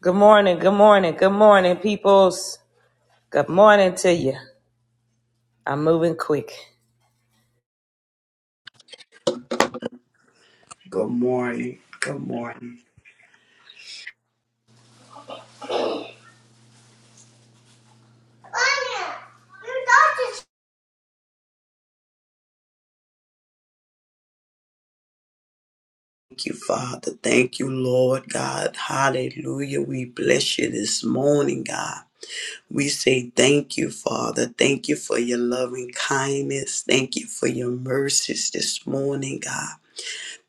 Good morning, good morning, good morning, peoples. Good morning to you. I'm moving quick. Good morning. Good morning. Thank you, Father. Thank you, Lord God. Hallelujah. We bless you this morning, God. We say thank you, Father. Thank you for your loving kindness. Thank you for your mercies this morning, God.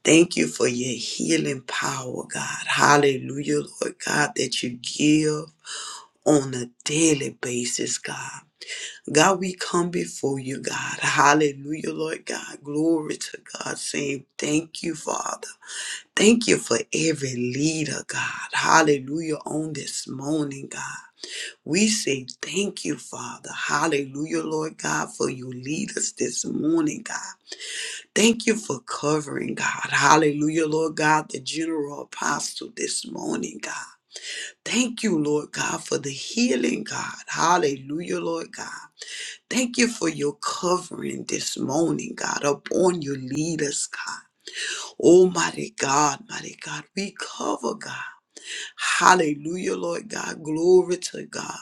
Thank you for your healing power, God. Hallelujah, Lord God, that you give on a daily basis, God. God, we come before you, God. Hallelujah, Lord God. Glory to God, saying thank you, Father. Thank you for every leader, God. Hallelujah, on this morning, God. We say thank you, Father. Hallelujah, Lord God, for you lead us this morning, God. Thank you for covering, God. Hallelujah, Lord God, the general apostle this morning, God. Thank you, Lord God, for the healing, God. Hallelujah, Lord God. Thank you for your covering this morning, God, upon your leaders, God. Almighty God, mighty God, we cover, God. Hallelujah, Lord God. Glory to God.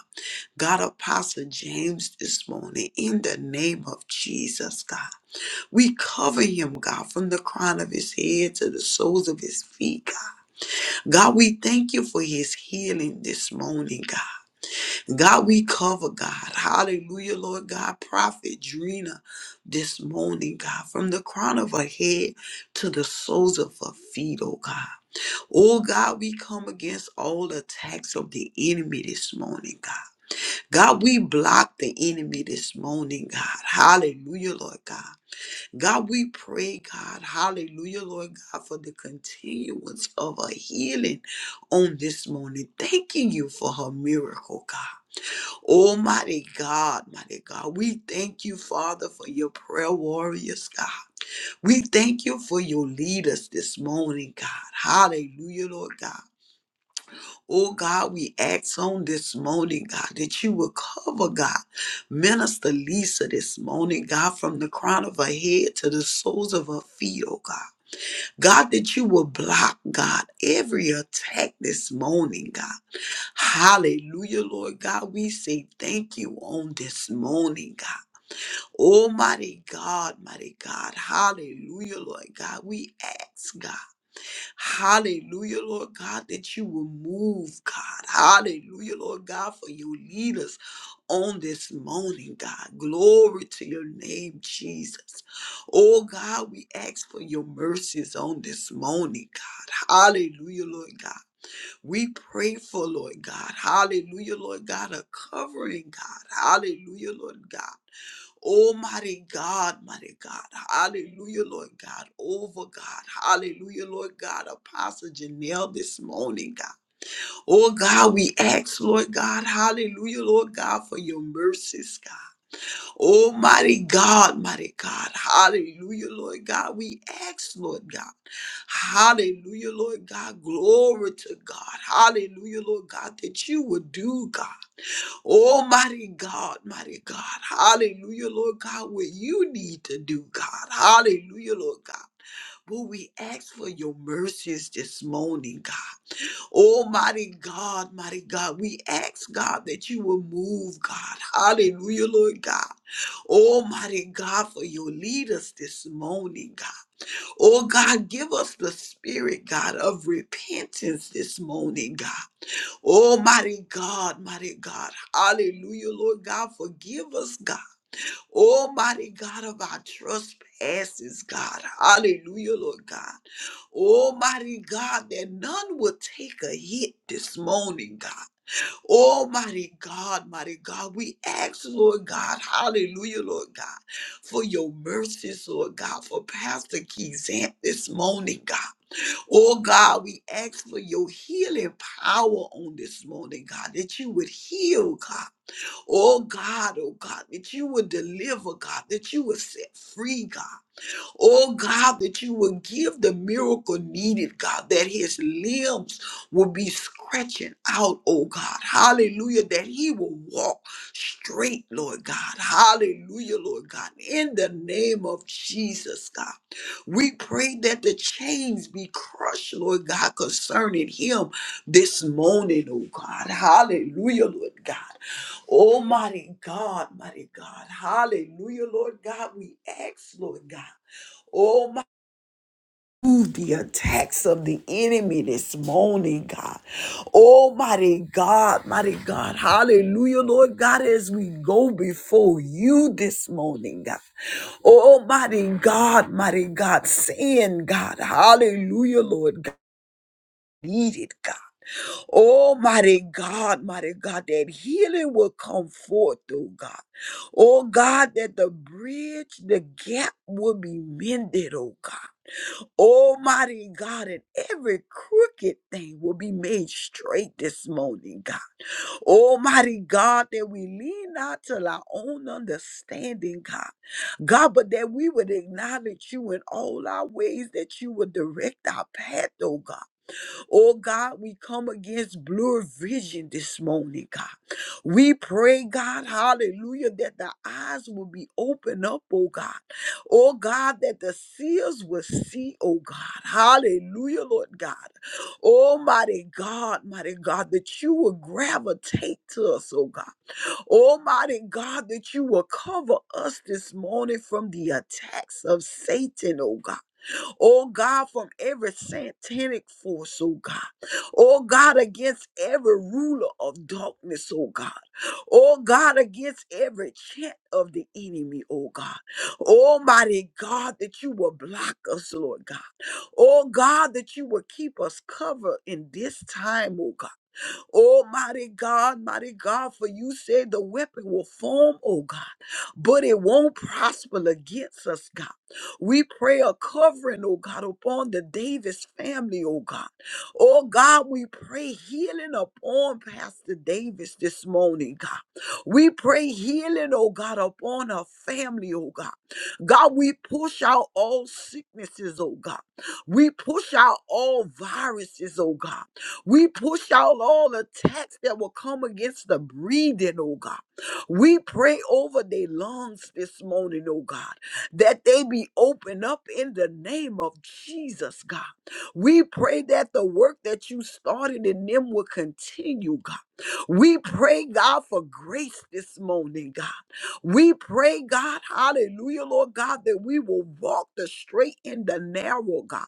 God, Apostle James this morning, in the name of Jesus, God. We cover him, God, from the crown of his head to the soles of his feet, God. God, we thank you for his healing this morning, God. God, we cover God. Hallelujah, Lord God. Prophet Drina this morning, God, from the crown of her head to the soles of her feet, oh God. Oh God, we come against all attacks of the enemy this morning, God. God, we block the enemy this morning, God. Hallelujah, Lord God. God, we pray, God. Hallelujah, Lord God, for the continuance of her healing on this morning. Thanking you for her miracle, God. Almighty God, mighty God, we thank you, Father, for your prayer warriors, God. We thank you for your leaders this morning, God. Hallelujah, Lord God. Oh God, we ask on this morning, God, that you will cover, God, Minister Lisa this morning, God, from the crown of her head to the soles of her feet, oh God. God, that you will block, God, every attack this morning, God. Hallelujah, Lord God. We say thank you on this morning, God. Almighty God, mighty God. Hallelujah, Lord God. We ask, God. Hallelujah, Lord God, that you will move, God. Hallelujah, Lord God, for your leaders on this morning, God. Glory to your name, Jesus. Oh, God, we ask for your mercies on this morning, God. Hallelujah, Lord God. We pray for, Lord God, hallelujah, Lord God, a covering, God, hallelujah, Lord God. Almighty God, mighty God, hallelujah, Lord God, over God, hallelujah, Lord God, Apostle Janelle this morning, God. Oh God, we ask, Lord God, hallelujah, Lord God, for your mercies, God. Oh, mighty God, mighty God. Hallelujah, Lord God. We ask, Lord God. Hallelujah, Lord God. Glory to God. Hallelujah, Lord God, that you would do, God. Almighty God, mighty God. Hallelujah, Lord God, what you need to do, God. Hallelujah, Lord God. But we ask for your mercies this morning, God. Oh mighty God, mighty God, we ask God that you will move, God. Hallelujah, Lord God. Oh mighty God, for your leaders this morning, God. Oh God, give us the spirit, God, of repentance this morning, God. Oh mighty God, mighty God. Hallelujah, Lord God. Forgive us, God. Oh mighty God of our trespasses, God. Hallelujah, Lord God. Almighty God, that none will take a hit this morning, God. Almighty God, mighty God, we ask, Lord God, hallelujah, Lord God, for your mercies, Lord God, for Pastor Keyzant this morning, God. Oh God, we ask for your healing power on this morning, God, that you would heal, God. Oh God, oh God, that you would deliver, God, that you would set free, God. Oh God, that you will give the miracle needed, God, that his limbs will be scratching out, oh God. Hallelujah, that he will walk straight, Lord God. Hallelujah, Lord God. In the name of Jesus, God. We pray that the chains be crushed, Lord God, concerning him this morning, oh God. Hallelujah, Lord God. Almighty God, mighty God. Hallelujah, Lord God. We ask, Lord God. Oh my move the attacks of the enemy this morning, God. Almighty God, mighty God. Hallelujah, Lord God, as we go before you this morning, God. Almighty God, mighty God, saying, God, hallelujah, Lord God. Needed God. Almighty God, mighty God, that healing will come forth, oh God. Oh God, that the bridge, the gap will be mended, oh God. Almighty God, and every crooked thing will be made straight this morning, God. Almighty God, that we lean not to our own understanding, God. God, but that we would acknowledge you in all our ways, that you would direct our path, oh God. Oh God, we come against blur vision this morning, God. We pray, God, hallelujah, that the eyes will be opened up, oh God. Oh God, that the seers will see, oh God. Hallelujah, Lord God. Almighty God, mighty God, that you will gravitate to us, oh God. Almighty God, that you will cover us this morning from the attacks of Satan, oh God. Oh God, from every satanic force, oh God. Oh God, against every ruler of darkness, oh God. Oh God, against every chant of the enemy, oh God. Almighty God, that you will block us, Lord God. Oh God, that you will keep us covered in this time, oh God. Oh, mighty God, mighty God, for you said the weapon will form, oh God, but it won't prosper against us, God. We pray a covering, oh God, upon the Davis family, oh God. Oh God, we pray healing upon Pastor Davis this morning, God. We pray healing, oh God, upon her family, oh God. God, we push out all sicknesses, oh God. We push out all viruses, oh God. We push out all attacks that will come against the breathing, oh God. We pray over their lungs this morning, oh God, that they be opened up in the name of Jesus, God. We pray that the work that you started in them will continue, God. We pray, God, for grace this morning, God. We pray, God, hallelujah, Lord God, that we will walk the straight and the narrow, God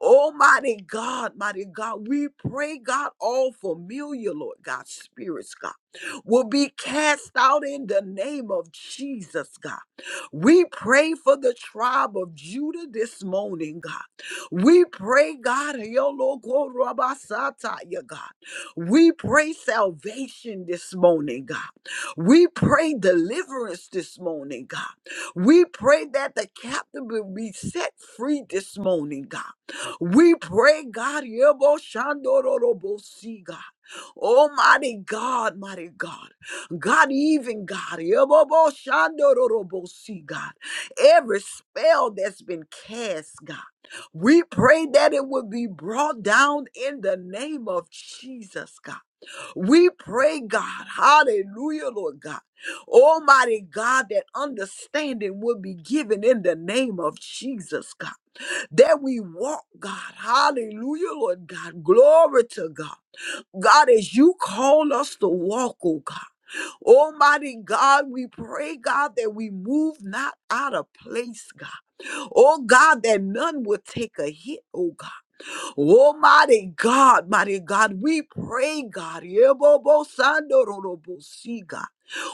Almighty God, mighty God, we pray, God, all familiar, Lord God, spirits, God, will be cast out in the name of Jesus, God. We pray for the tribe of Judah this morning, God. We pray, God, Yolokorabasataya, God. We pray salvation this morning, God. We pray deliverance this morning, God. We pray that the captive will be set free this morning, God. We pray, God, Yeboshandororobosi, God. Almighty God, mighty God, God, even God, Yeboboshandororobosi, God, every spell that's been cast, God, we pray that it would be brought down in the name of Jesus, God. We pray, God, hallelujah, Lord God, Almighty God, that understanding would be given in the name of Jesus, God that we walk, God. Hallelujah, Lord God. Glory to God. God, as you call us to walk, oh God. Almighty God, we pray, God, that we move not out of place, God. Oh God, that none will take a hit, oh God. Almighty God, mighty God, we pray, God. Yebobo-sandorobosika.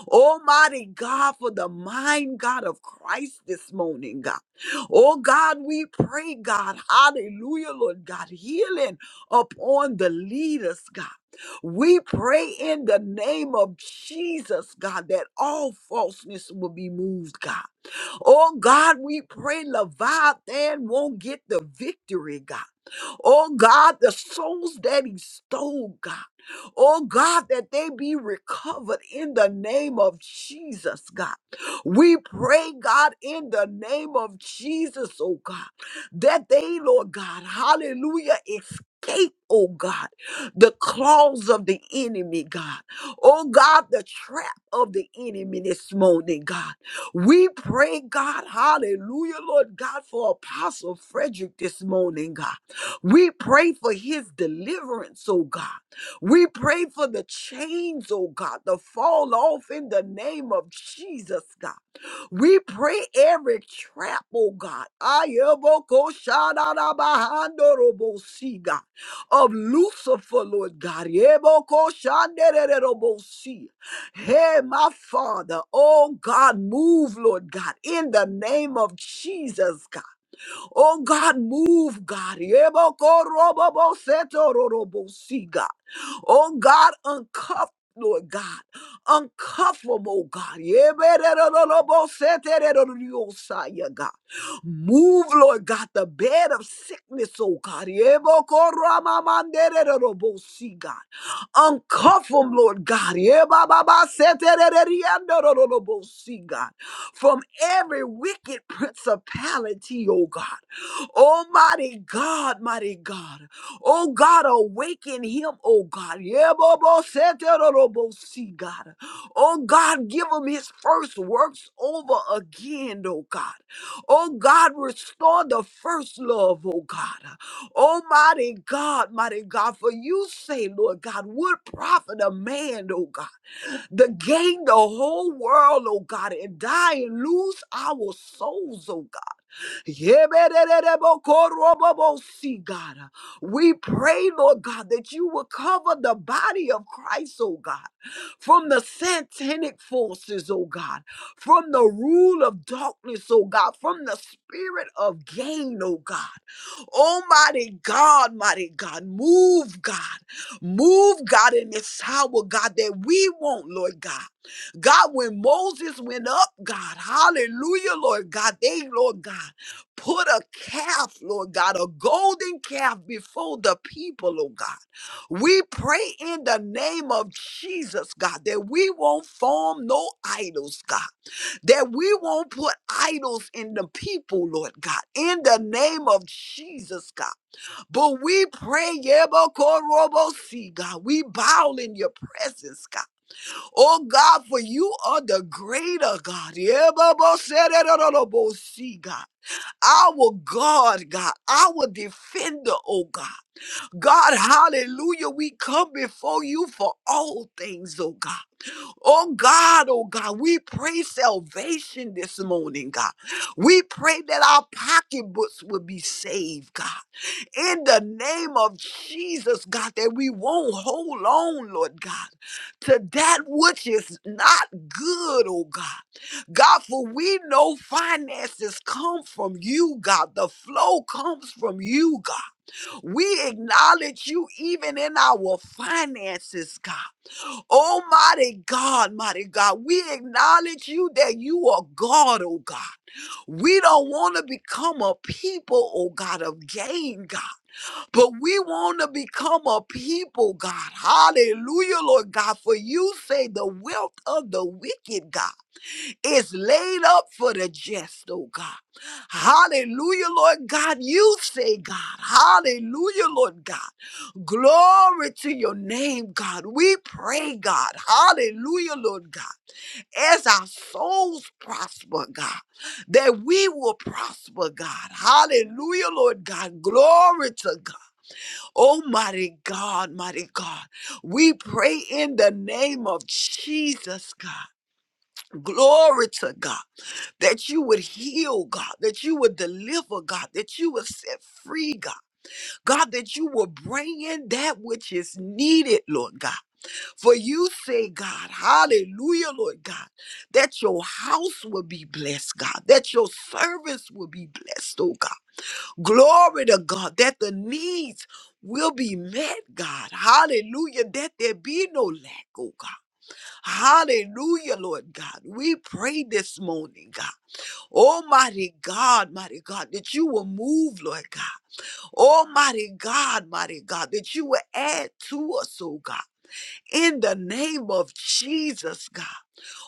Almighty God, for the mind, God of Christ this morning, God. Oh God, we pray, God, hallelujah, Lord God, healing upon the leaders, God. We pray in the name of Jesus, God, that all falseness will be moved, God. Oh God, we pray Leviathan won't get the victory, God. Oh God, the souls that he stole, God. Oh God, that they be recovered in the name of Jesus, God. We pray, God, in the name of Jesus, oh God, that they, Lord God, hallelujah, escape, oh God, the claws of the enemy, God. Oh God, the trap of the enemy this morning, God. We pray, God, hallelujah, Lord God, for Apostle Frederick this morning, God. We pray for his deliverance, oh God. We pray for the chains, oh God, to fall off in the name of Jesus, God. We pray every trap, oh God, ayebokoshanarabahando-robosi, God, of Lucifer, Lord God. yebokoshandererobosi. Hey, my Father, oh God, move, Lord God, in the name of Jesus, God. Oh God, move, God. Yebokorobobosetororobosi, God. Oh God, uncuff. Lord God, uncuff them, oh God. Yebererobosetereroriosa, God. Move, Lord God, the bed of sickness, oh God. Yebokoramamandererorobosi, God. Uncuff them, Lord God. Yebababasetereroriandorororobosi, God. From every wicked principality, oh God. Almighty God, mighty God. Oh God, awaken him, oh God. Yeboboseterorobosi, God. Oh God, give him his first works over again, oh God. Oh God, restore the first love, oh God. Almighty God, mighty God, for you say, Lord God, would profit a man, oh God, to gain the whole world, oh God, and die and lose our souls, oh God. Yeberererebokoroboboosi, God. We pray, Lord God, that you will cover the body of Christ, oh God, from the satanic forces, oh God, from the rule of darkness, oh God, from the spirit of gain, oh God. Almighty God, mighty God, move, God. Move, God, in this hour, God, that we want, Lord God. God, when Moses went up, God, hallelujah, Lord God, they, Lord God, put a calf, Lord God, a golden calf before the people, oh God. We pray in the name of Jesus, God, that we won't form no idols, God that we won't put idols in the people, Lord God, in the name of Jesus, God. But we pray, Yebokorobosi, God, we bow in your presence, God. Oh God, for you are the greater God, Yebobosererorobosi, God, our God, God, our defender, oh God. God, hallelujah, we come before you for all things, oh God. Oh God, oh God, we pray salvation this morning, God. We pray that our pocketbooks will be saved, God. In the name of Jesus, God, that we won't hold on, Lord God, to that which is not good, oh God. God, for we know finances come from you, God. The flow comes from you, God. We acknowledge you even in our finances, God. Oh, mighty God, mighty God, we acknowledge you that you are God, oh God. We don't want to become a people, oh God, of gain, God, but we want to become a people, God. Hallelujah, Lord God, for you say the wealth of the wicked, God is laid up for the just, oh God. Hallelujah, Lord God. You say, God. Hallelujah, Lord God. Glory to your name, God. We pray, God. Hallelujah, Lord God. As our souls prosper, God, that we will prosper, God. Hallelujah, Lord God. Glory to God. Almighty God, mighty God. We pray in the name of Jesus, God. Glory to God that you would heal, God, that you would deliver, God, that you would set free, God, God, that you will bring in that which is needed, Lord God. For you say, God, hallelujah, Lord God, that your house will be blessed, God, that your service will be blessed, oh God. Glory to God, that the needs will be met, God, hallelujah, that there be no lack, oh God. Hallelujah, Lord God. We pray this morning, God. Almighty God, mighty God, that you will move, Lord God. Almighty God, mighty God, that you will add to us, oh God. In the name of Jesus, God.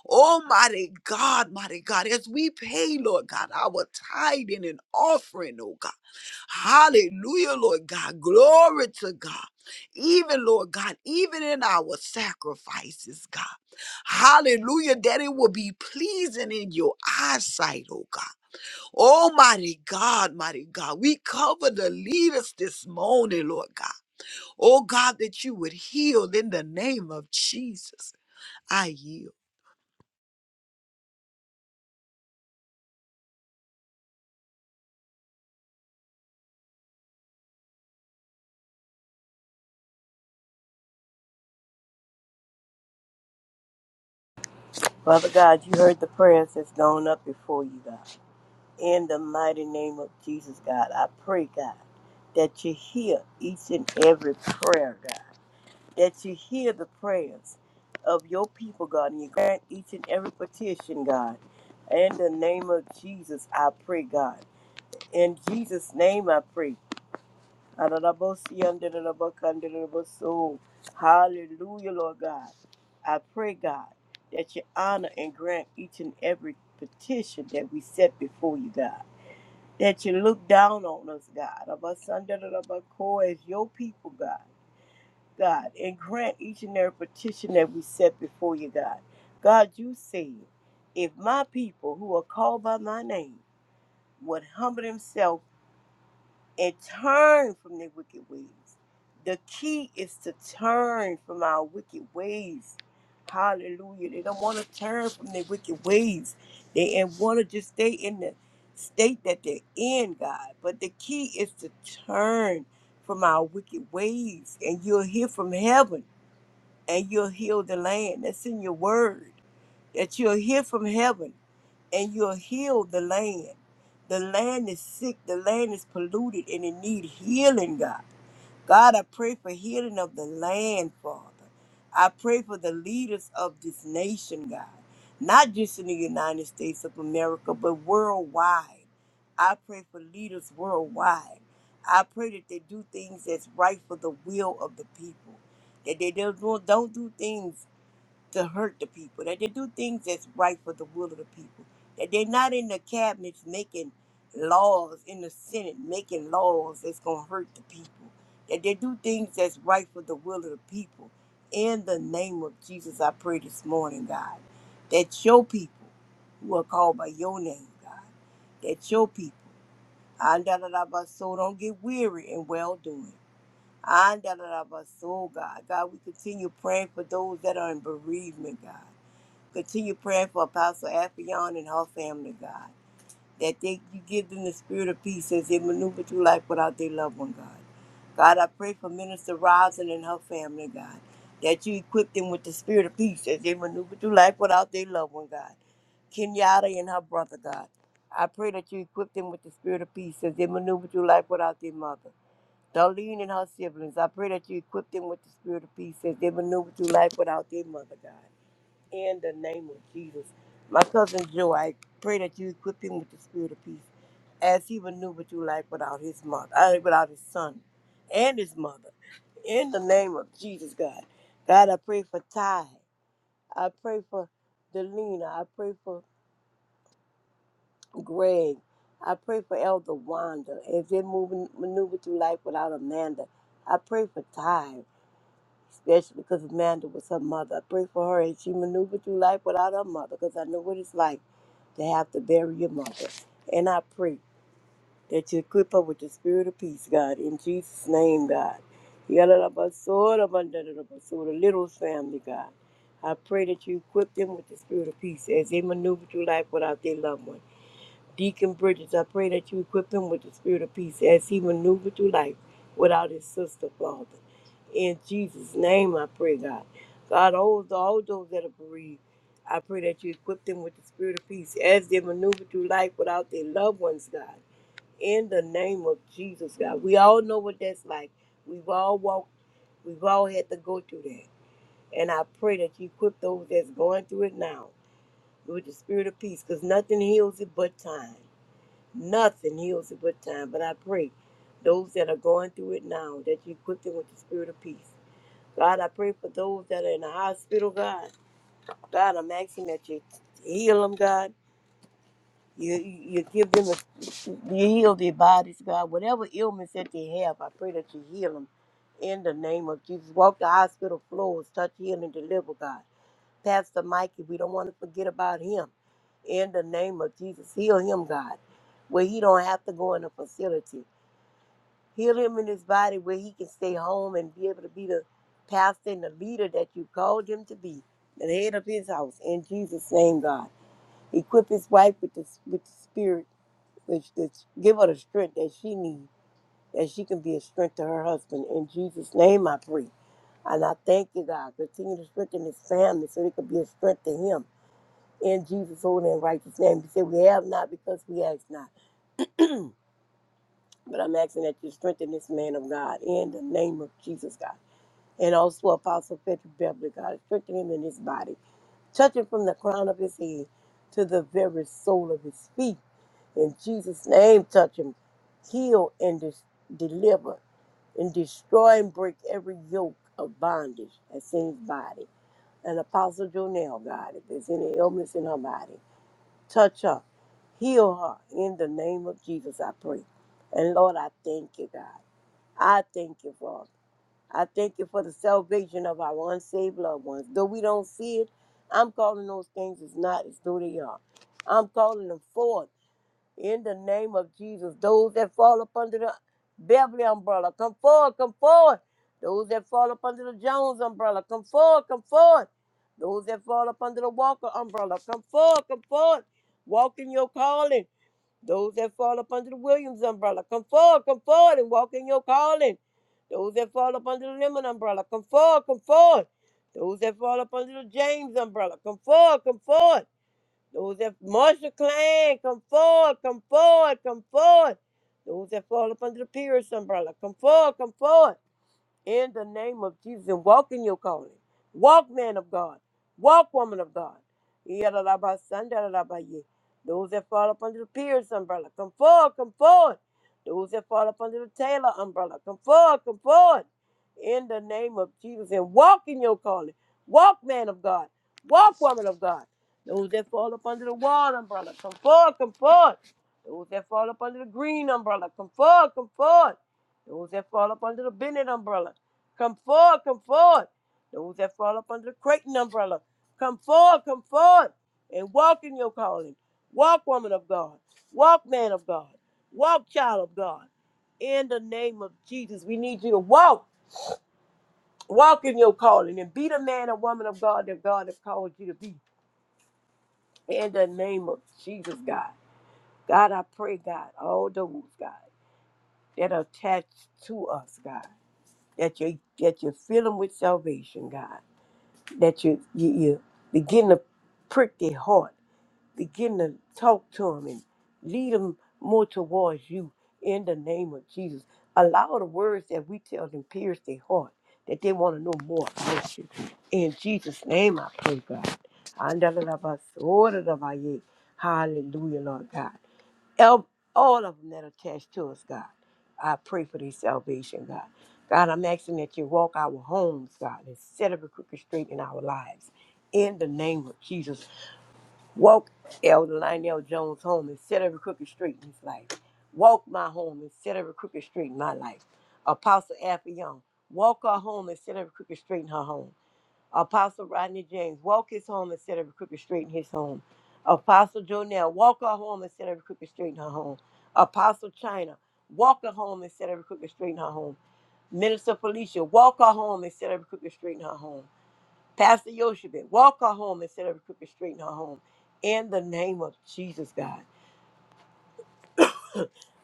Almighty God, mighty God, as we pay, Lord God, our tithing and offering, oh God. Hallelujah, Lord God. Glory to God. Even, Lord God, even in our sacrifices, God. Hallelujah, that it will be pleasing in your eyesight, oh God. Almighty God, mighty God, we cover the leaders this morning, Lord God. Oh God, that you would heal in the name of Jesus. I yield. Father God, you heard the prayers that's gone up before you, God. In the mighty name of Jesus, God, I pray, God, that you hear each and every prayer, God. That you hear the prayers of your people, God, and you grant each and every petition, God. In the name of Jesus, I pray, God. In Jesus' name, I pray. Adadabosi, andadadaboka, andadadaboso. Hallelujah, Lord God. I pray, God, that you honor and grant each and every petition that we set before you, God. That you look down on us, God, of us under the core as your people, God. God, and grant each and every petition that we set before you, God. God, you said, if my people who are called by my name would humble themselves and turn from their wicked ways. The key is to turn from our wicked ways. Hallelujah. They don't want to turn from their wicked ways. They and want to just stay in the state that they're in, God. But the key is to turn from our wicked ways. And you'll hear from heaven and you'll heal the land. That's in your word. That you'll hear from heaven and you'll heal the land. The land is sick, the land is polluted, and it need healing, God. God, I pray for healing of the land, Father. I pray for the leaders of this nation, God, not just in the United States of America, but worldwide. I pray for leaders worldwide. I pray that they do things that's right for the will of the people, that they don't, don't do things to hurt the people, that they do things that's right for the will of the people, that they're not in the cabinets making laws, in the Senate making laws that's going to hurt the people, that they do things that's right for the will of the people. In the name of Jesus, I pray this morning, God, that your people who are called by your name, God, that your people, ah, da, da, da, ba, so don't get weary in well doing. And da- da- da- ba- so, God. God, we continue praying for those that are in bereavement, God. Continue praying for Apostle Afion and her family, God. That they you give them the spirit of peace as they maneuver through life without their loved one, God. God, I pray for Minister Rosin and her family, God. That you equip them with the spirit of peace as they maneuver through life without their loved one, God. Kenyatta and her brother, God. I pray that you equip them with the spirit of peace as they maneuver through life without their mother. Darlene and her siblings, I pray that you equip them with the spirit of peace as they maneuver through life without their mother, God. In the name of Jesus. My cousin Joe, I pray that you equip him with the spirit of peace as he maneuvered through life without his mother, uh, without his son and his mother. In the name of Jesus, God. God, I pray for Ty. I pray for Delina. I pray for Greg. I pray for Elder Wanda as they're moving, maneuver through life without Amanda. I pray for Ty. especially because Amanda was her mother. I pray for her and she maneuvered through life without her mother because I know what it's like to have to bury your mother. And I pray that you equip her with the spirit of peace, God, in Jesus' name, God. Yalalabasodabandalalabasod, The little family, God. I pray that you equip them with the spirit of peace as they maneuver through life without their loved one. Deacon Bridges, I pray that you equip him with the spirit of peace as he maneuvered through life without his sister, Father. In Jesus' name, I pray, God. God, all, all those that are bereaved, I pray that you equip them with the spirit of peace as they maneuver through life without their loved ones, God. In the name of Jesus, God. We all know what that's like. We've all walked, we've all had to go through that. And I pray that you equip those that's going through it now with the spirit of peace because nothing heals it but time. Nothing heals at good time, but I pray those that are going through it now that you equip them with the spirit of peace. God, I pray for those that are in the hospital, God. God, I'm asking that you heal them, God. You, you give them, a, you heal their bodies, God. Whatever ailments that they have, I pray that you heal them in the name of Jesus. Walk the hospital floors, touch, heal, and deliver, God. Pastor Mikey. We don't want to forget about him. In the name of Jesus, heal him, God, where he don't have to go in a facility. Heal him in his body where he can stay home and be able to be the pastor and the leader that you called him to be, the head of his house. In Jesus' name, God, equip his wife with the with the spirit, which which- give her the strength that she needs, that she can be a strength to her husband. In Jesus' name, I pray. And I thank you, God. Continue to strengthen his family so they could be a strength to him. In Jesus' holy and righteous name, you say we have not because we ask not. But I'm asking that you strengthen this man of God in the name of Jesus, God. And also Apostle Patrick Beverly, God, strengthen him in his body. Touch him from the crown of his head to the very sole of his feet. In Jesus' name, touch him. Heal and dis- deliver and destroy and break every yoke of bondage that's in his body. And Apostle Jonell, God, if there's any illness in her body. Touch her, heal her in the name of Jesus, I pray. And Lord, I thank you, God. I thank you, Father. I thank you for the salvation of our unsaved loved ones. Though we don't see it, I'm calling those things as not as though they are. I'm calling them forth in the name of Jesus, those that fall up under the Beverly umbrella, come forward, come forward. Those that fall up under the Jones umbrella, come forward, come forward. Those that fall up under the Walker umbrella, come forward, come forward. Walk in your calling. Those that fall up under the Williams umbrella, come forward, come forward and walk in your calling. Those that fall up under the Lemon umbrella, come forward, come forward. Those that fall up under the James umbrella, come forward, come forward. Those that march the clan, come forward, come forward, come forward. Those that fall up under the Pierce umbrella, come forward, come forward in the name of Jesus and walk in your calling. Walk, man of God. Walk, woman of God. Yadalabasandarabaya. Those that fall up under the Pierce umbrella, come forward, come forward. Those that fall up under the Taylor umbrella, come forward, come forward. In the name of Jesus and walk in your calling. Walk, man of God. Walk, woman of God. Those that fall up under the wall umbrella, come forward, come forward. Those that fall up under the green umbrella, come forward, come forward. Those that fall up under the Bennett umbrella, Come forward, come forward. Those that fall up under the Creighton umbrella, come forward, come forward, and walk in your calling. Walk, woman of God. Walk, man of God. Walk, child of God. In the name of Jesus, we need you to walk, walk in your calling, and be the man or woman of God that God has called you to be. In the name of Jesus, God. God, I pray, God, all those, God, that are attached to us, God, that you, that you fill them with salvation, God that you you, you begin to prick their heart, begin to talk to them and lead them more towards you in the name of Jesus. Allow the words that we tell them pierce their heart, that they want to know more about you. In Jesus' name I pray, God. Andalalabasorabaye. Hallelujah, Lord God. El- all of them that are attached to us, God. I pray for their salvation, God. God, I'm asking that you walk our homes, God, and set up a crooked straight in our lives. In the name of Jesus, walk Elder Lionel Jones' home and set every crooked straight in his life. Walk my home and set every crooked straight in my life. Apostle Affion, walk her home and set every crooked straight in her home. Apostle Rodney James, walk his home instead of crooked straight in his home. Apostle Jonell, walk her home instead of crooked straight in her home. Apostle China, walk her home instead of crooked straight in her home. Minister Felicia, walk her home instead of crooked straight in her home. Pastor Yoshibit, walk her home instead of crooked straight in her home. In the name of Jesus, God.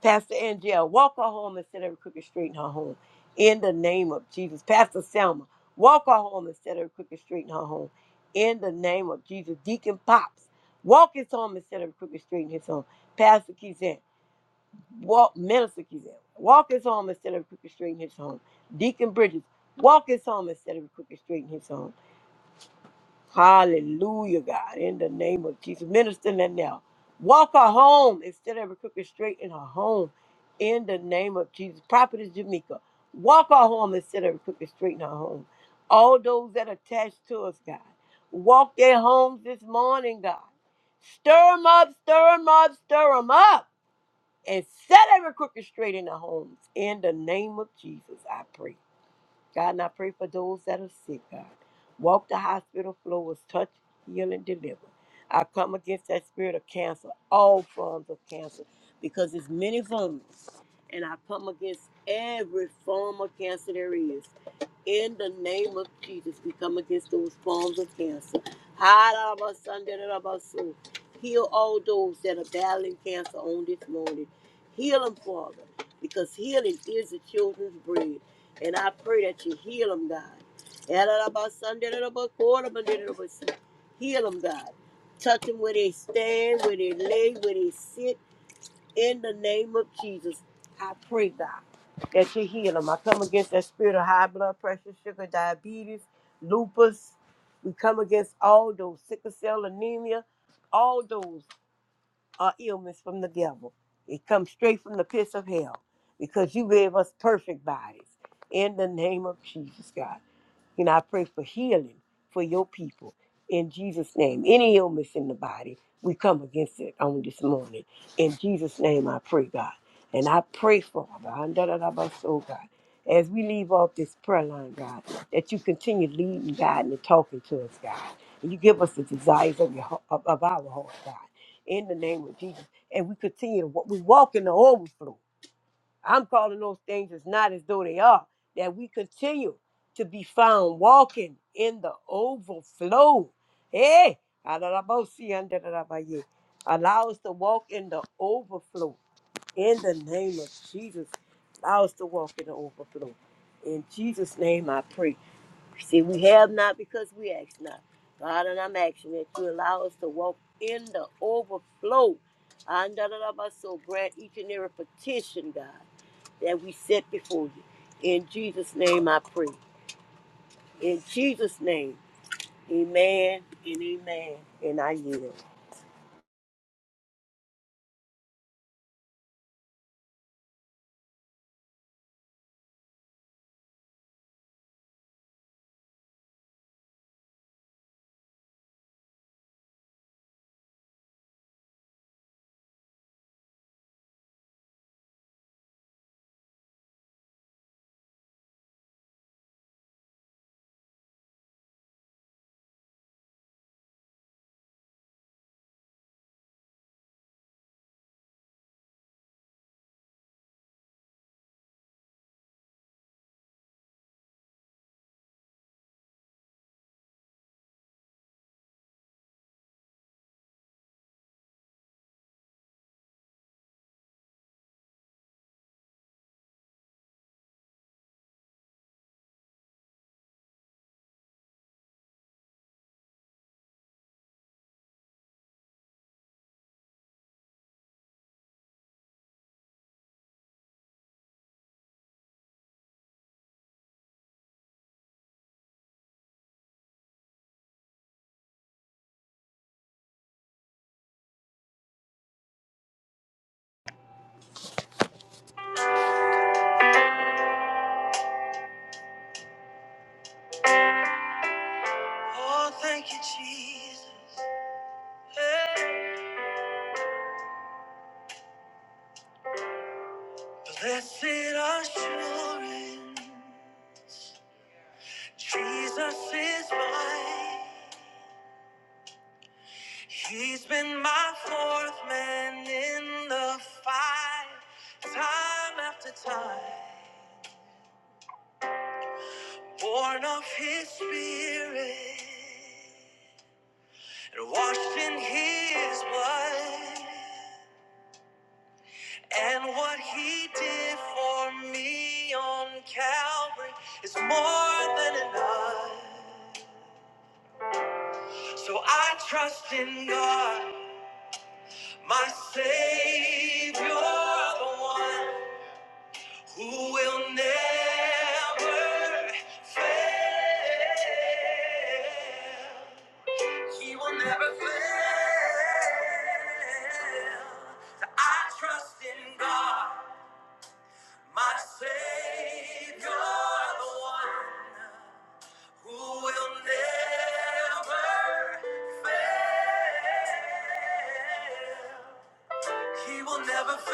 Pastor Angel, walk her home instead of crooked straight in her home. In the name of Jesus. Pastor Selma, walk her home instead of crooked straight in her home. In the name of Jesus. Deacon Pops, walk his home instead of crooked straight in his home. Pastor Kizan, walk Minister Kizan, walk his home instead of crooked straight in his home. Deacon Bridges, walk his home instead of crooked straight in his home. Hallelujah, God, in the name of Jesus. Minister now. Walk her home instead of every crooked straight in her home. In the name of Jesus. Prophetess Jamaica. Walk her home instead of every crooked straight in her home. All those that are attached to us, God. Walk their homes this morning, God. Stir them up, stir them up, stir them up. And set every crooked straight in their homes. In the name of Jesus, I pray. God, and I pray for those that are sick, God. Walk the hospital floors, touch, heal, and deliver. I come against that spirit of cancer, all forms of cancer, because it's many forms, and I come against every form of cancer there is. In the name of Jesus, we come against those forms of cancer. Harabasandarabasu. Heal all those that are battling cancer on this morning. Heal them, Father, because healing is the children's bread. And I pray that you heal them, God. Ararabasandarabakorobandarabasi. Heal them, God. Touch them where they stand, where they lay, where they sit. In the name of Jesus, I pray, God, that you heal them. I come against that spirit of high blood pressure, sugar, diabetes, lupus. We come against all those sickle cell anemia. All those are ailments from the devil. It comes straight from the pits of hell because you gave us perfect bodies. In the name of Jesus, God. You know, I pray for healing for your people in Jesus' name. Any illness in the body, we come against it on this morning. In Jesus' name, I pray, God. And I pray, Father, oh God, as we leave off this prayer line, God, that you continue leading, guiding, and talking to us, God. And you give us the desires of, your, heart- of, of our heart, God, in the name of Jesus. And we continue to walk, we walk in the overflow. I'm calling those things as not as though they are, that we continue to be found walking in the overflow. Hey, allow us to walk in the overflow in the name of Jesus. Allow us to walk in the overflow. In Jesus' name I pray. See, we have not because we ask not. God, and I'm asking that you allow us to walk in the overflow. And so grant each and every petition, God that we set before you. In Jesus' name I pray. In Jesus' name, amen and amen. And I yield. Jesus, blessed assurance, Jesus is mine. He's been my fourth man in the fight, time after time, born of his spirit and washed in his blood. And what he did for me on Calvary is more than enough. So I trust in God, my Savior, the one who will never fail. He will never fail. So I trust in God. My Savior, the one who will never fail. He will never fail.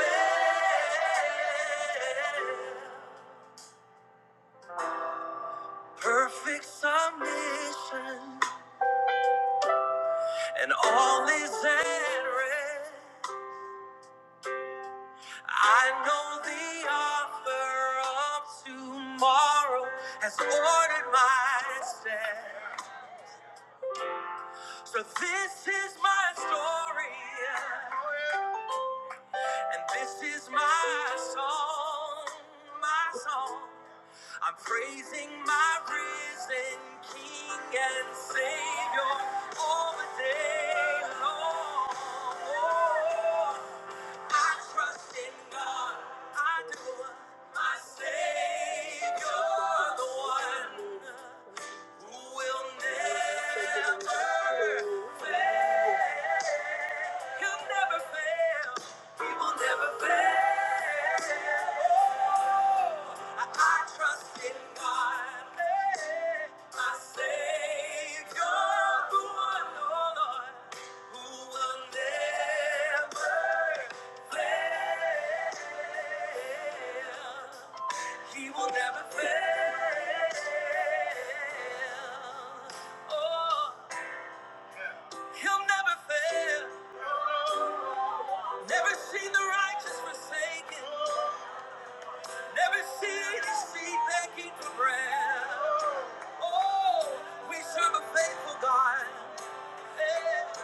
Perfect submission, and all is at rest. I know the author of tomorrow has ordered my steps. So this is my story, yeah. and this is my song, my song. I'm praising my risen King and Savior all the day long. Oh, I trust in God, I do. My Savior, the one who will never fail. You'll never fail. We will never fail. I, I trust in God, eh, my Savior, who One, oh Lord, who will never fail. He will never fail. Oh, he'll never fail. Never seen the righteous forsaken. Every city's feet begging for bread. Oh, we serve a faithful God. Yeah.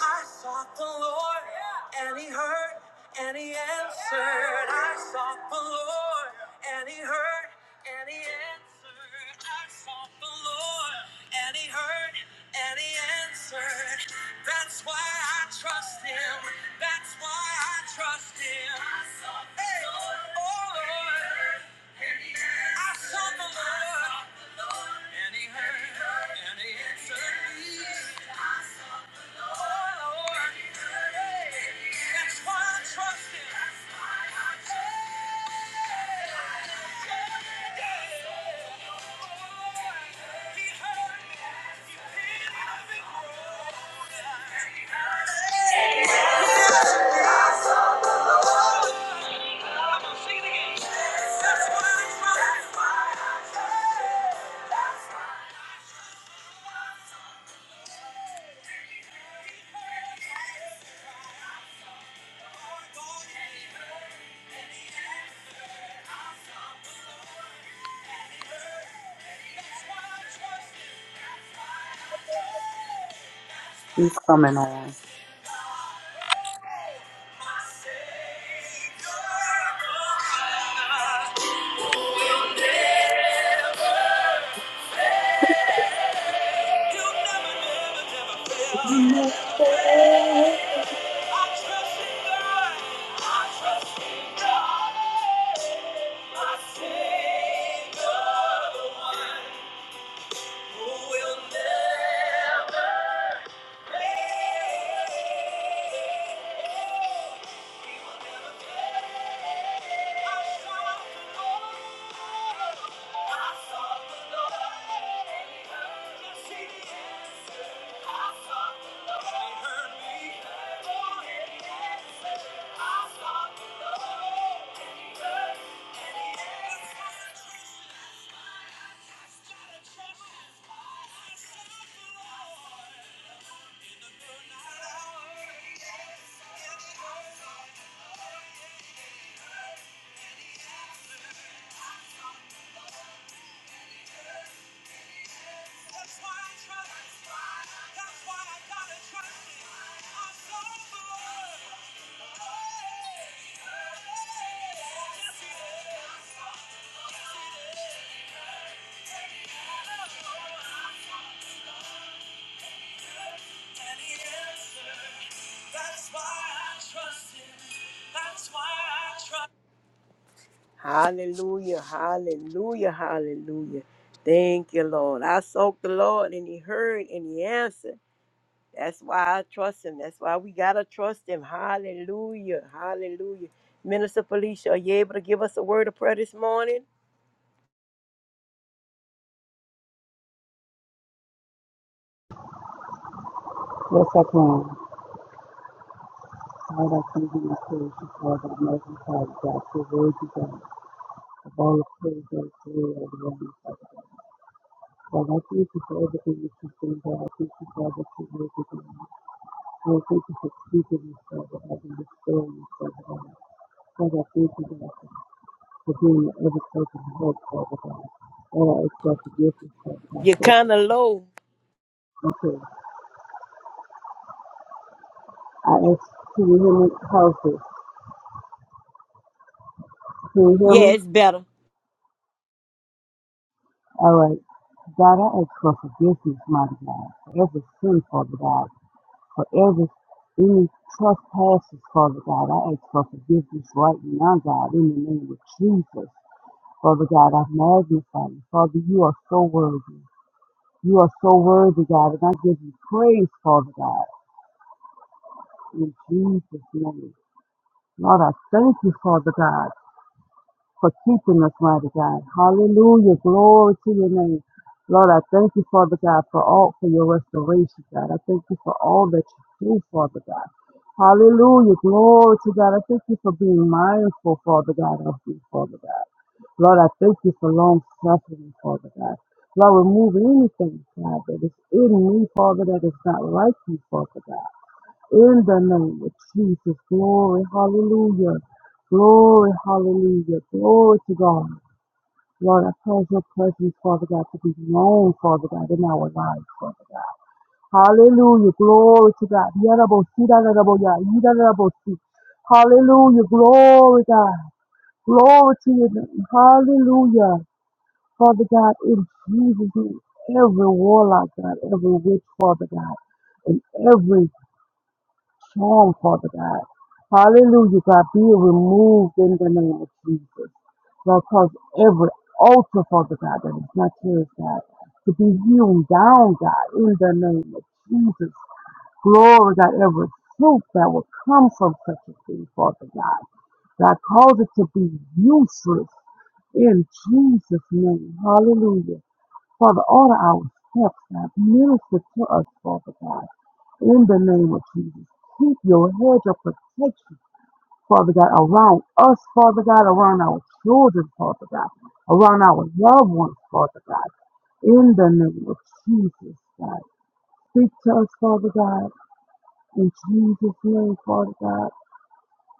I sought the Lord, Yeah. and He heard, and He answered. Yeah. I sought the Lord, yeah, and He heard, and He answered. I sought the Lord, and He heard, and He answered. That's why I trust Him. That's why I trust Him. I sought the Hey. Lord, Oh Lord. and He heard, I sought the Lord, and He heard, and He answered me. Oh, Lord, hey, that's why I trust Him. That's why. He's coming on. You'll never, never, never fail. I trust in God. My Savior, the one. Who will never fail. He will never fail. I sought the Lord. I sought the Lord, and He heard. Yes, I sought the Lord, Oh, yeah. That's why I trust. That's why I gotta trust him. I'm so good. Yes, he is. Yes, he is. And he answered. That's why I trust him. That's why I trust him. Hallelujah, hallelujah, hallelujah. Thank you, Lord. I sought the Lord and he heard and he answered. That's why I trust him. That's why we got to trust him. Hallelujah, hallelujah. Minister Felicia, are you able to give us a word of prayer this morning? Yes, I can. Father, I thank you and praise you for the amazing God that you will be done. The all of praise and glory and the honor, Father. God, I thank you for everything that you've done, God. I thank you, God, that you will be done. I thank you for speaking us, Father, God, and restoring us, Father, God. Father, I thank you, God, for being every person's help, Father, God. And I ask God to give us, Father, God, You're for kind of low. everything. Okay. I ask, can you hear me? How's this? Can you hear Yeah, me? it's better. All right. God, I ask for forgiveness, mighty God, for every sin, Father God, for every any trespasses, Father God. I ask for forgiveness right now, God, in the name of Jesus. Father God, I magnify you. Father, you are so worthy. You are so worthy, God, and I give you praise, Father God, in Jesus' name. Lord, I thank you, Father God. for keeping us, mighty God. Hallelujah. Glory to your name. Lord, I thank you, Father God, for all for your restoration, God. I thank you for all that you do, Father God. Hallelujah. Glory to God. I thank you for being mindful, Father God, of You, Father God. Lord, I thank you for long suffering, Father God. Lord, remove anything, God, that is in me, Father, that is not like you, Father God. In the name of Jesus, glory, hallelujah. Glory, hallelujah. Glory to God. Lord, I pray your presence, Father God, to be known, Father God, in our lives, Father God. Hallelujah. Glory to God. Yarabosi, dararaboya, yidarabosi. Hallelujah. Glory, God. Glory to your name. Hallelujah. Father God, in Jesus' name, every warlock, God, every witch, Father God, and every Show them, Father God. Hallelujah, God. Be removed in the name of Jesus. Lord, cause every altar, Father God, that is not yours, God, to be hewn down, God, in the name of Jesus. Glory, God, every fruit that will come from such a thing, Father God. God, cause it to be useless in Jesus' name. Hallelujah. Father, order our steps, God. Minister to us, Father God. In the name of Jesus. Keep your hedge of protection, Father God, around us, Father God, around our children, Father God, around our loved ones, Father God. In the name of Jesus, God. Speak to us, Father God. In Jesus' name, Father God.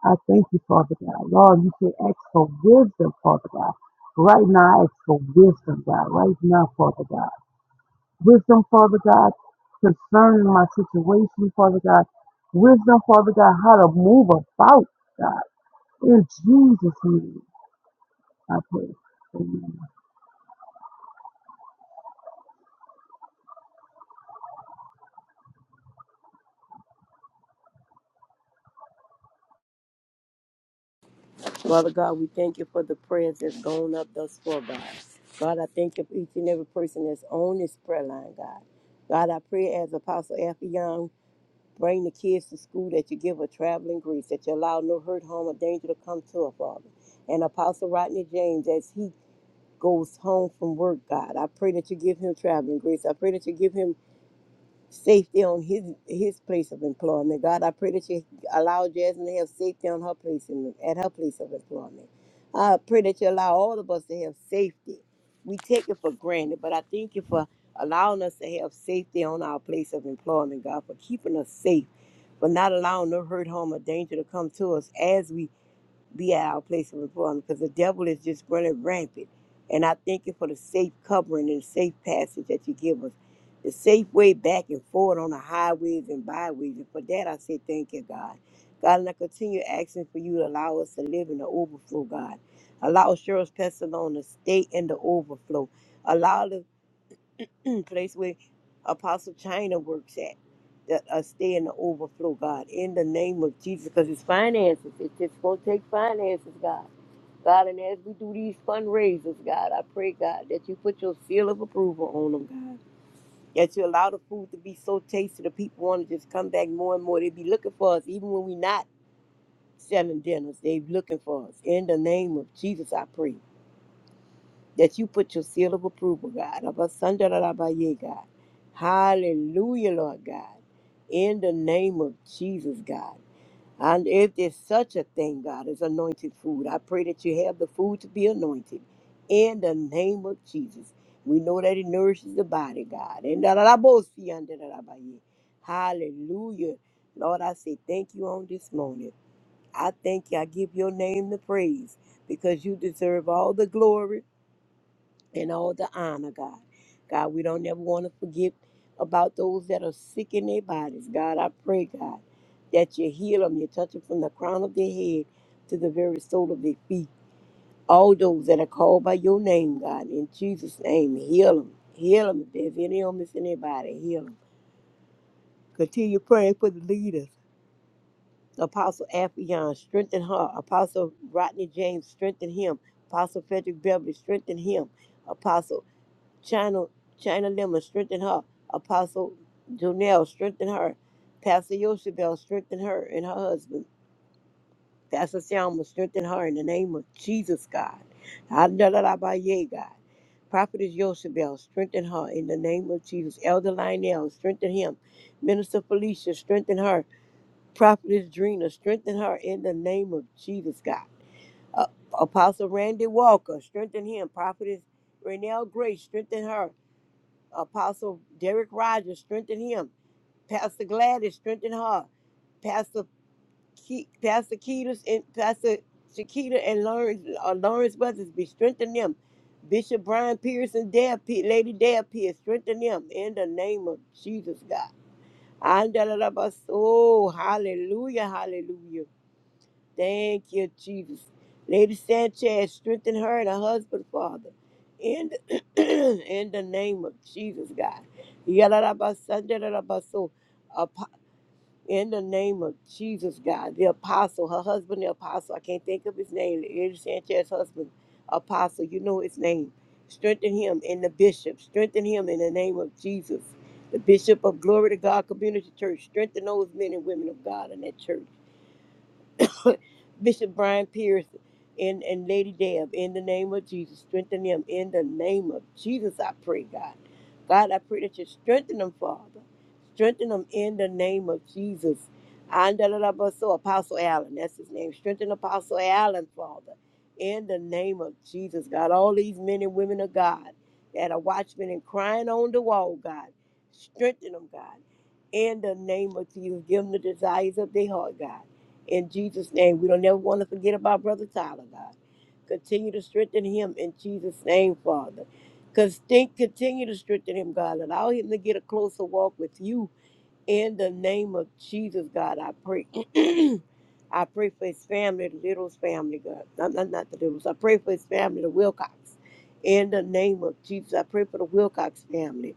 I thank you, Father God. Lord, you say ask for wisdom, Father God. Right now, I ask for wisdom, God. Right now, Father God. Wisdom, Father God, concerning my situation, Father God. Wisdom, Father God, how to move about, God. In Jesus' name, I pray. Amen. Father God, we thank you for the prayers that's gone up thus far, God. God, I thank you for each and every person that's on this prayer line, God. God, I pray as Apostle Affion Bring the kids to school that you give her traveling grace, that you allow no hurt, harm, or danger to come to her, Father. And Apostle Rodney James, as he goes home from work, God, I pray that you give him traveling grace. I pray that you give him safety on his his place of employment. God, I pray that you allow Jasmine to have safety on her place in, at her place of employment. I pray that you allow all of us to have safety. We take it for granted, but I thank you for allowing us to have safety on our place of employment, God, for keeping us safe, for not allowing no hurt, harm, or danger to come to us as we be at our place of employment because the devil is just running rampant. And I thank you for the safe covering and safe passage that you give us, the safe way back and forward on the highways and byways. And for that, I say thank you, God. God, and I continue asking for you to allow us to live in the overflow, God. Allow Cheryl's Pestilon to stay in the overflow. Allow us place where Apostle China works at. That uh, stay in the overflow, God, in the name of Jesus, because it's finances. It's just gonna take finances, God. God, and as we do these fundraisers, God, I pray, God, that you put your seal of approval on them, God. That you allow the food to be so tasty that people want to just come back more and more. They be looking for us, even when we not selling dinners. They looking for us. In the name of Jesus, I pray that you put your seal of approval, God. of us under the love of you, God. Hallelujah, Lord God. In the name of Jesus, God. And if there's such a thing, God, as anointed food, I pray that you have the food to be anointed. In the name of Jesus. We know that it nourishes the body, God. And da- da- da- bo- see, under the love of you. Hallelujah. Lord, I say thank you on this morning. I thank you. I give your name the praise because you deserve all the glory and all the honor, God. God, we don't ever want to forget about those that are sick in their bodies. God, I pray, God, that you heal them. You touch them from the crown of their head to the very sole of their feet. All those that are called by your name, God, in Jesus' name, heal them. Heal them if there's any illness in their body. Heal them. Continue praying for the leaders. Apostle Afion, strengthen her. Apostle Rodney James, strengthen him. Apostle Frederick Beverly, strengthen him. Apostle. China, China Lemon, strengthen her. Apostle Jonelle, strengthen her. Pastor Yoshibel, strengthen her and her husband. Pastor Selma, strengthen her in the name of Jesus, God. Andalabaye, God. Prophetess Yoshibel, strengthen her in the name of Jesus. Elder Lionel, strengthen him. Minister Felicia, strengthen her. Prophetess Drina, strengthen her in the name of Jesus, God. Uh, Apostle Randy Walker, strengthen him. Prophetess Renelle Grace, strengthen her. Apostle Derek Rogers, strengthen him. Pastor Gladys, strengthen her. Pastor Ke- Pastor Ketus and Pastor Shakita and Lawrence uh, Lawrence Brothers, be strengthen them. Bishop Brian Pearson, Dad, Pe- Lady Dad Pierce, strengthen them in the name of Jesus God. Andalabas- Oh, hallelujah, hallelujah. Thank you, Jesus. Lady Sanchez, strengthen her and her husband, Father. In the, in the name of Jesus, God. Yalalabasandalabaso. Apo- In the name of Jesus, God. The apostle, her husband, the apostle. I can't think of his name. Lady Sanchez's husband, apostle. You know his name. Strengthen him in the bishop. Strengthen him in the name of Jesus. The bishop of Glory to God Community Church. Strengthen those men and women of God in that church. Bishop Brian Pierce and, and Lady Deb in the name of Jesus. Strengthen them in the name of Jesus, I pray, God. God, I pray that you strengthen them, Father. Strengthen them in the name of Jesus. Andalabaso, Apostle Allen, that's his name. Strengthen Apostle Allen, Father, in the name of Jesus, God. All these men and women of God that are watchmen and crying on the wall, God. Strengthen them, God. In the name of Jesus, give them the desires of their heart, God in Jesus' name, we don't ever want to forget about Brother Tyler, God. Continue to strengthen him in Jesus' name, Father. Cause think, continue to strengthen him, God. Allow him to get a closer walk with you in the name of Jesus, God. I pray. I pray for his family, the Littles family, God. Not, not, not the Littles. I pray for his family, the Wilcox. In the name of Jesus, I pray for the Wilcox family.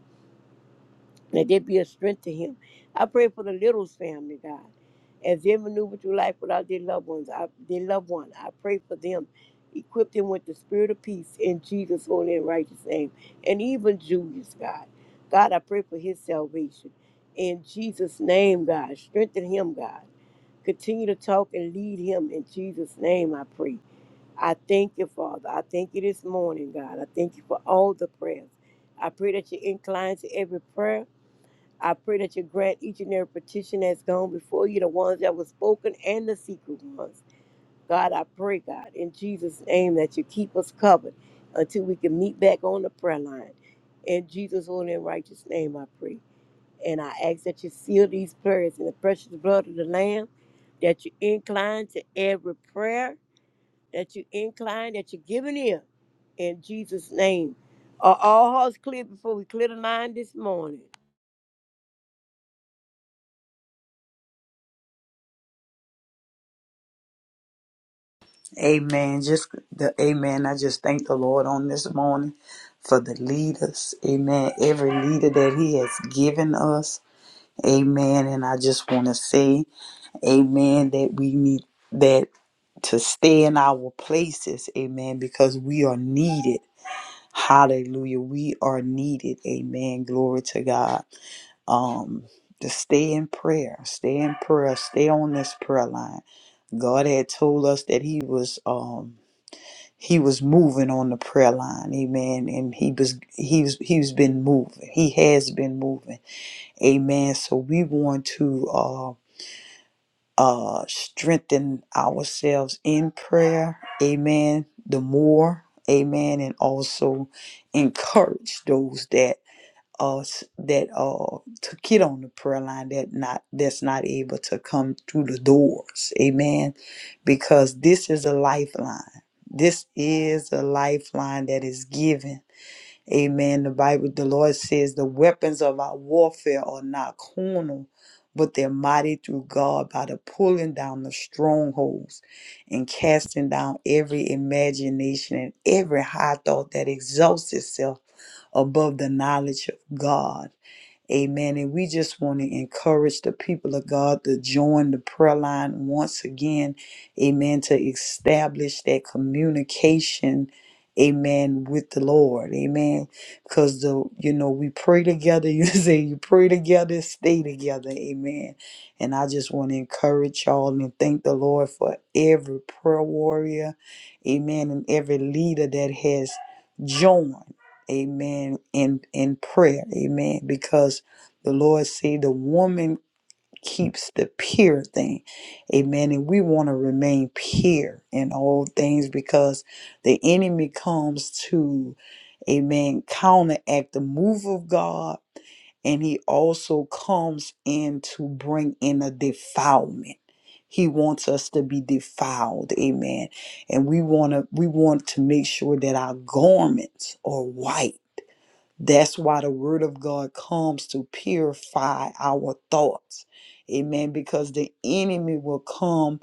Let there be a strength to him. I pray for the Littles family, God. As they maneuver through life without their loved ones, I, their loved one, I pray for them. Equip them with the spirit of peace in Jesus' holy and righteous name. And even Julius, God. God, I pray for his salvation. In Jesus' name, God. Strengthen him, God. Continue to talk and lead him in Jesus' name, I pray. I thank you, Father. I thank you this morning, God. I thank you for all the prayers. I pray that you incline to every prayer I pray that you grant each and every petition that's gone before you, the ones that were spoken and the secret ones. God, I pray, God, in Jesus' name, that you keep us covered until we can meet back on the prayer line. In Jesus' holy and righteous name, I pray. And I ask that you seal these prayers in the precious blood of the Lamb, that you incline to every prayer, that you incline, that you give an ear. In Jesus' name. Are all hearts clear before we clear the line this morning? Amen. Just the amen. I just thank the Lord on this morning for the leaders. Amen. Every leader that He has given us. Amen. And I just want to say, Amen, that we need that. to stay in our places, amen, because we are needed. Hallelujah. We are needed. Amen. Glory to God. Um to stay in prayer, stay in prayer, stay on this prayer line. God had told us that he was um he was moving on the prayer line. Amen. And he was he was he's been moving. He has been moving. Amen. So we want to uh uh, strengthen ourselves in prayer. Amen. The more, amen, and also encourage those that us that uh to get on the prayer line that not that's not able to come through the doors. Amen. Because this is a lifeline. This is a lifeline that is given Amen. The Bible, the Lord says, the weapons of our warfare are not carnal, but they're mighty through God by the pulling down the strongholds and casting down every imagination and every high thought that exalts itself above the knowledge of God Amen. And we just want to encourage the people of God to join the prayer line once again. Amen. To establish that communication. Amen. With the Lord. Amen. Because the you know, we pray together. You say you pray together, stay together. Amen. And I just want to encourage y'all and thank the Lord for every prayer warrior. Amen. And every leader that has joined. Amen. In in prayer. Amen. Because the Lord said, the woman keeps the pure thing. Amen. And we want to remain pure in all things because the enemy comes to, amen, counteract the move of God. And he also comes in to bring in a defilement. He wants us to be defiled. Amen. And we want to we want to make sure that our garments are white that's why the word of God comes to purify our thoughts. Amen. Because the enemy will come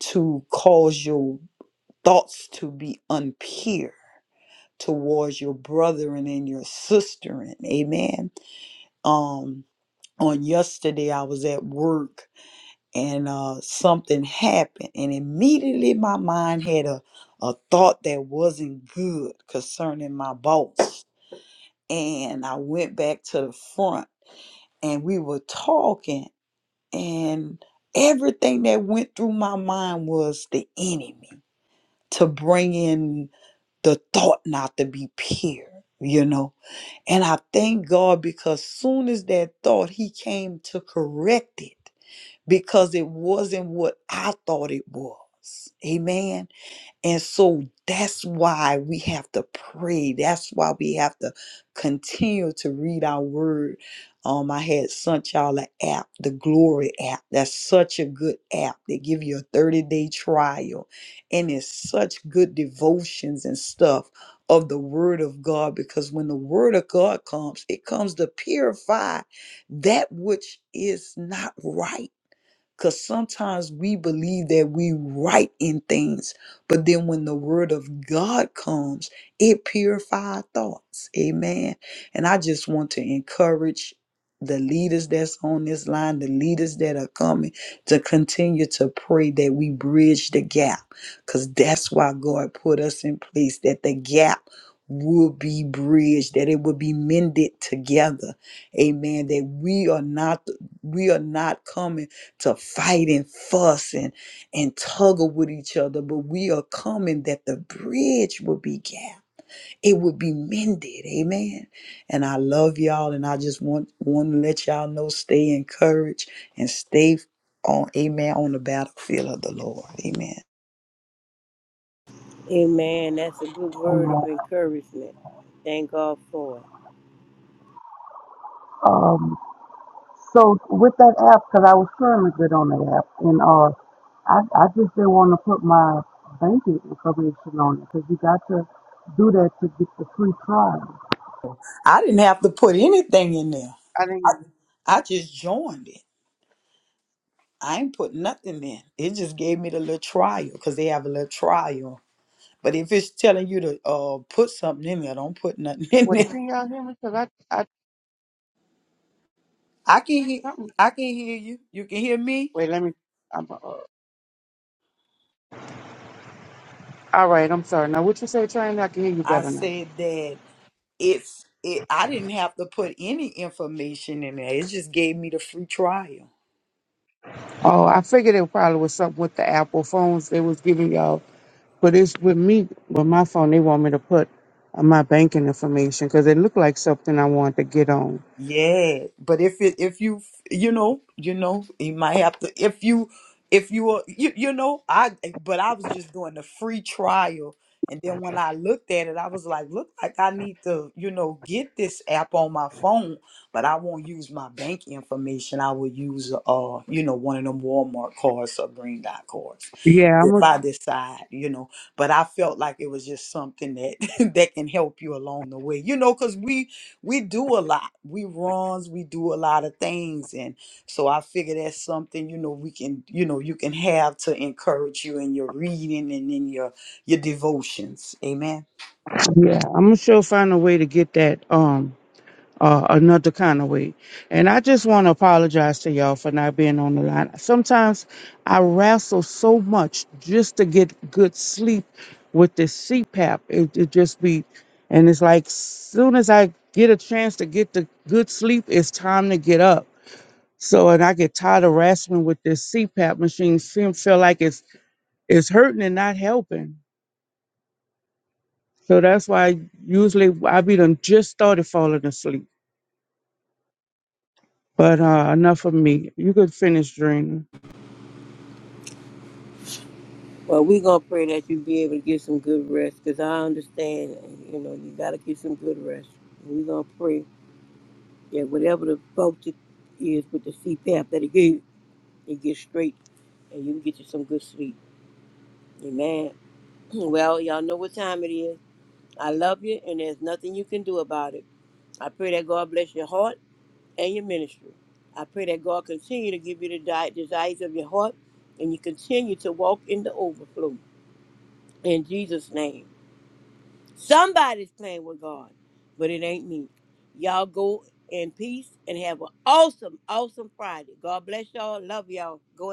to cause your thoughts to be unpure towards your brethren and your sister. Amen. Um, on yesterday I was at work and uh something happened and immediately my mind had a a thought that wasn't good concerning my boss. And I went back to the front and we were talking and everything that went through my mind was the enemy to bring in the thought not to be pure you know and i thank god because soon as that thought he came to correct it because it wasn't what i thought it was amen and so that's why we have to pray. That's why we have to continue to read our word. Um, I had sent y'all an app, the Glory app. That's such a good app. They give you a 30-day trial. And it's such good devotions and stuff of the word of God. Because when the word of God comes, it comes to purify that which is not right because sometimes we believe that we right in things, but then when the word of God comes, it purifies thoughts. Amen. And I just want to encourage the leaders that's on this line, the leaders that are coming to continue to pray that we bridge the gap. Because that's why God put us in place, that the gap will be bridged, that it will be mended together. Amen. That we are not we are not coming to fight and fuss and, and tuggle with each other, but we are coming that the bridge will be gapped. It will be mended. Amen. And I love y'all and I just want want to let y'all know stay encouraged and stay on amen on the battlefield of the Lord. Amen. Amen. That's a good word Amen. of encouragement. Thank God for it. Um, so with that app, because I was trying to get on that app, and uh, I, I just didn't want to put my banking information on it because you got to do that to get the free trial. I didn't have to put anything in there. I didn't. I just joined it. I ain't put nothing in. It just gave me the little trial because they have a little trial But if it's telling you to uh put something in there, don't put nothing in Wait, there. can y'all hear me? Because I, I, I can hear something. I can hear you. You can hear me. Wait, let me. All right, I'm sorry. Now, what you say, Train? I can hear you I better now. said that it's it I didn't have to put any information in there. It just gave me the free trial. Oh, I figured it probably was something with the Apple phones they was giving y'all. But it's with me, with my phone, they want me to put uh, my banking information because it looked like something I wanted to get on. Yeah, but if it if you you know you know you might have to if you if you are you you know I but I was just doing the free trial and then when I looked at it I was like look like I need to you know get this app on my phone but I won't use my bank information I will use uh you know one of them Walmart cards or Green Dot cards Yeah, I'm if gonna. I decide you know but I felt like it was just something that that can help you along the way you know because we we do a lot. We runs, we do a lot of things. And so I figure that's something, you know, we can, you know, you can have to encourage you in your reading and in your your devotions. Amen. Yeah, I'm gonna sure find a way to get that. Um, uh, another kind of way. And I just want to apologize to y'all for not being on the line. Sometimes I wrestle so much just to get good sleep with this CPAP. It, it just be, and it's like soon as I get a chance to get the good sleep, it's time to get up. So, and I get tired of wrestling with this CPAP machine. Seem feel like it's it's hurting and not helping. So that's why usually I be done just started falling asleep. But uh, enough of me. You could finish, Drina. Well, we're going to pray that you be able to get some good rest because I understand, you know, you got to get some good rest. And we're going to pray that whatever the focus is with the CPAP that it gave, it gets straight and you get you some good sleep. Amen. Well, y'all know what time it is. I love you and there's nothing you can do about it. I pray that God bless your heart and your ministry. I pray that God continue to give you the di- desires of your heart and you continue to walk in the overflow in Jesus' name. Somebody's playing with God, but it ain't me. Y'all go in peace and have an awesome, awesome Friday. God bless y'all. Love y'all. Go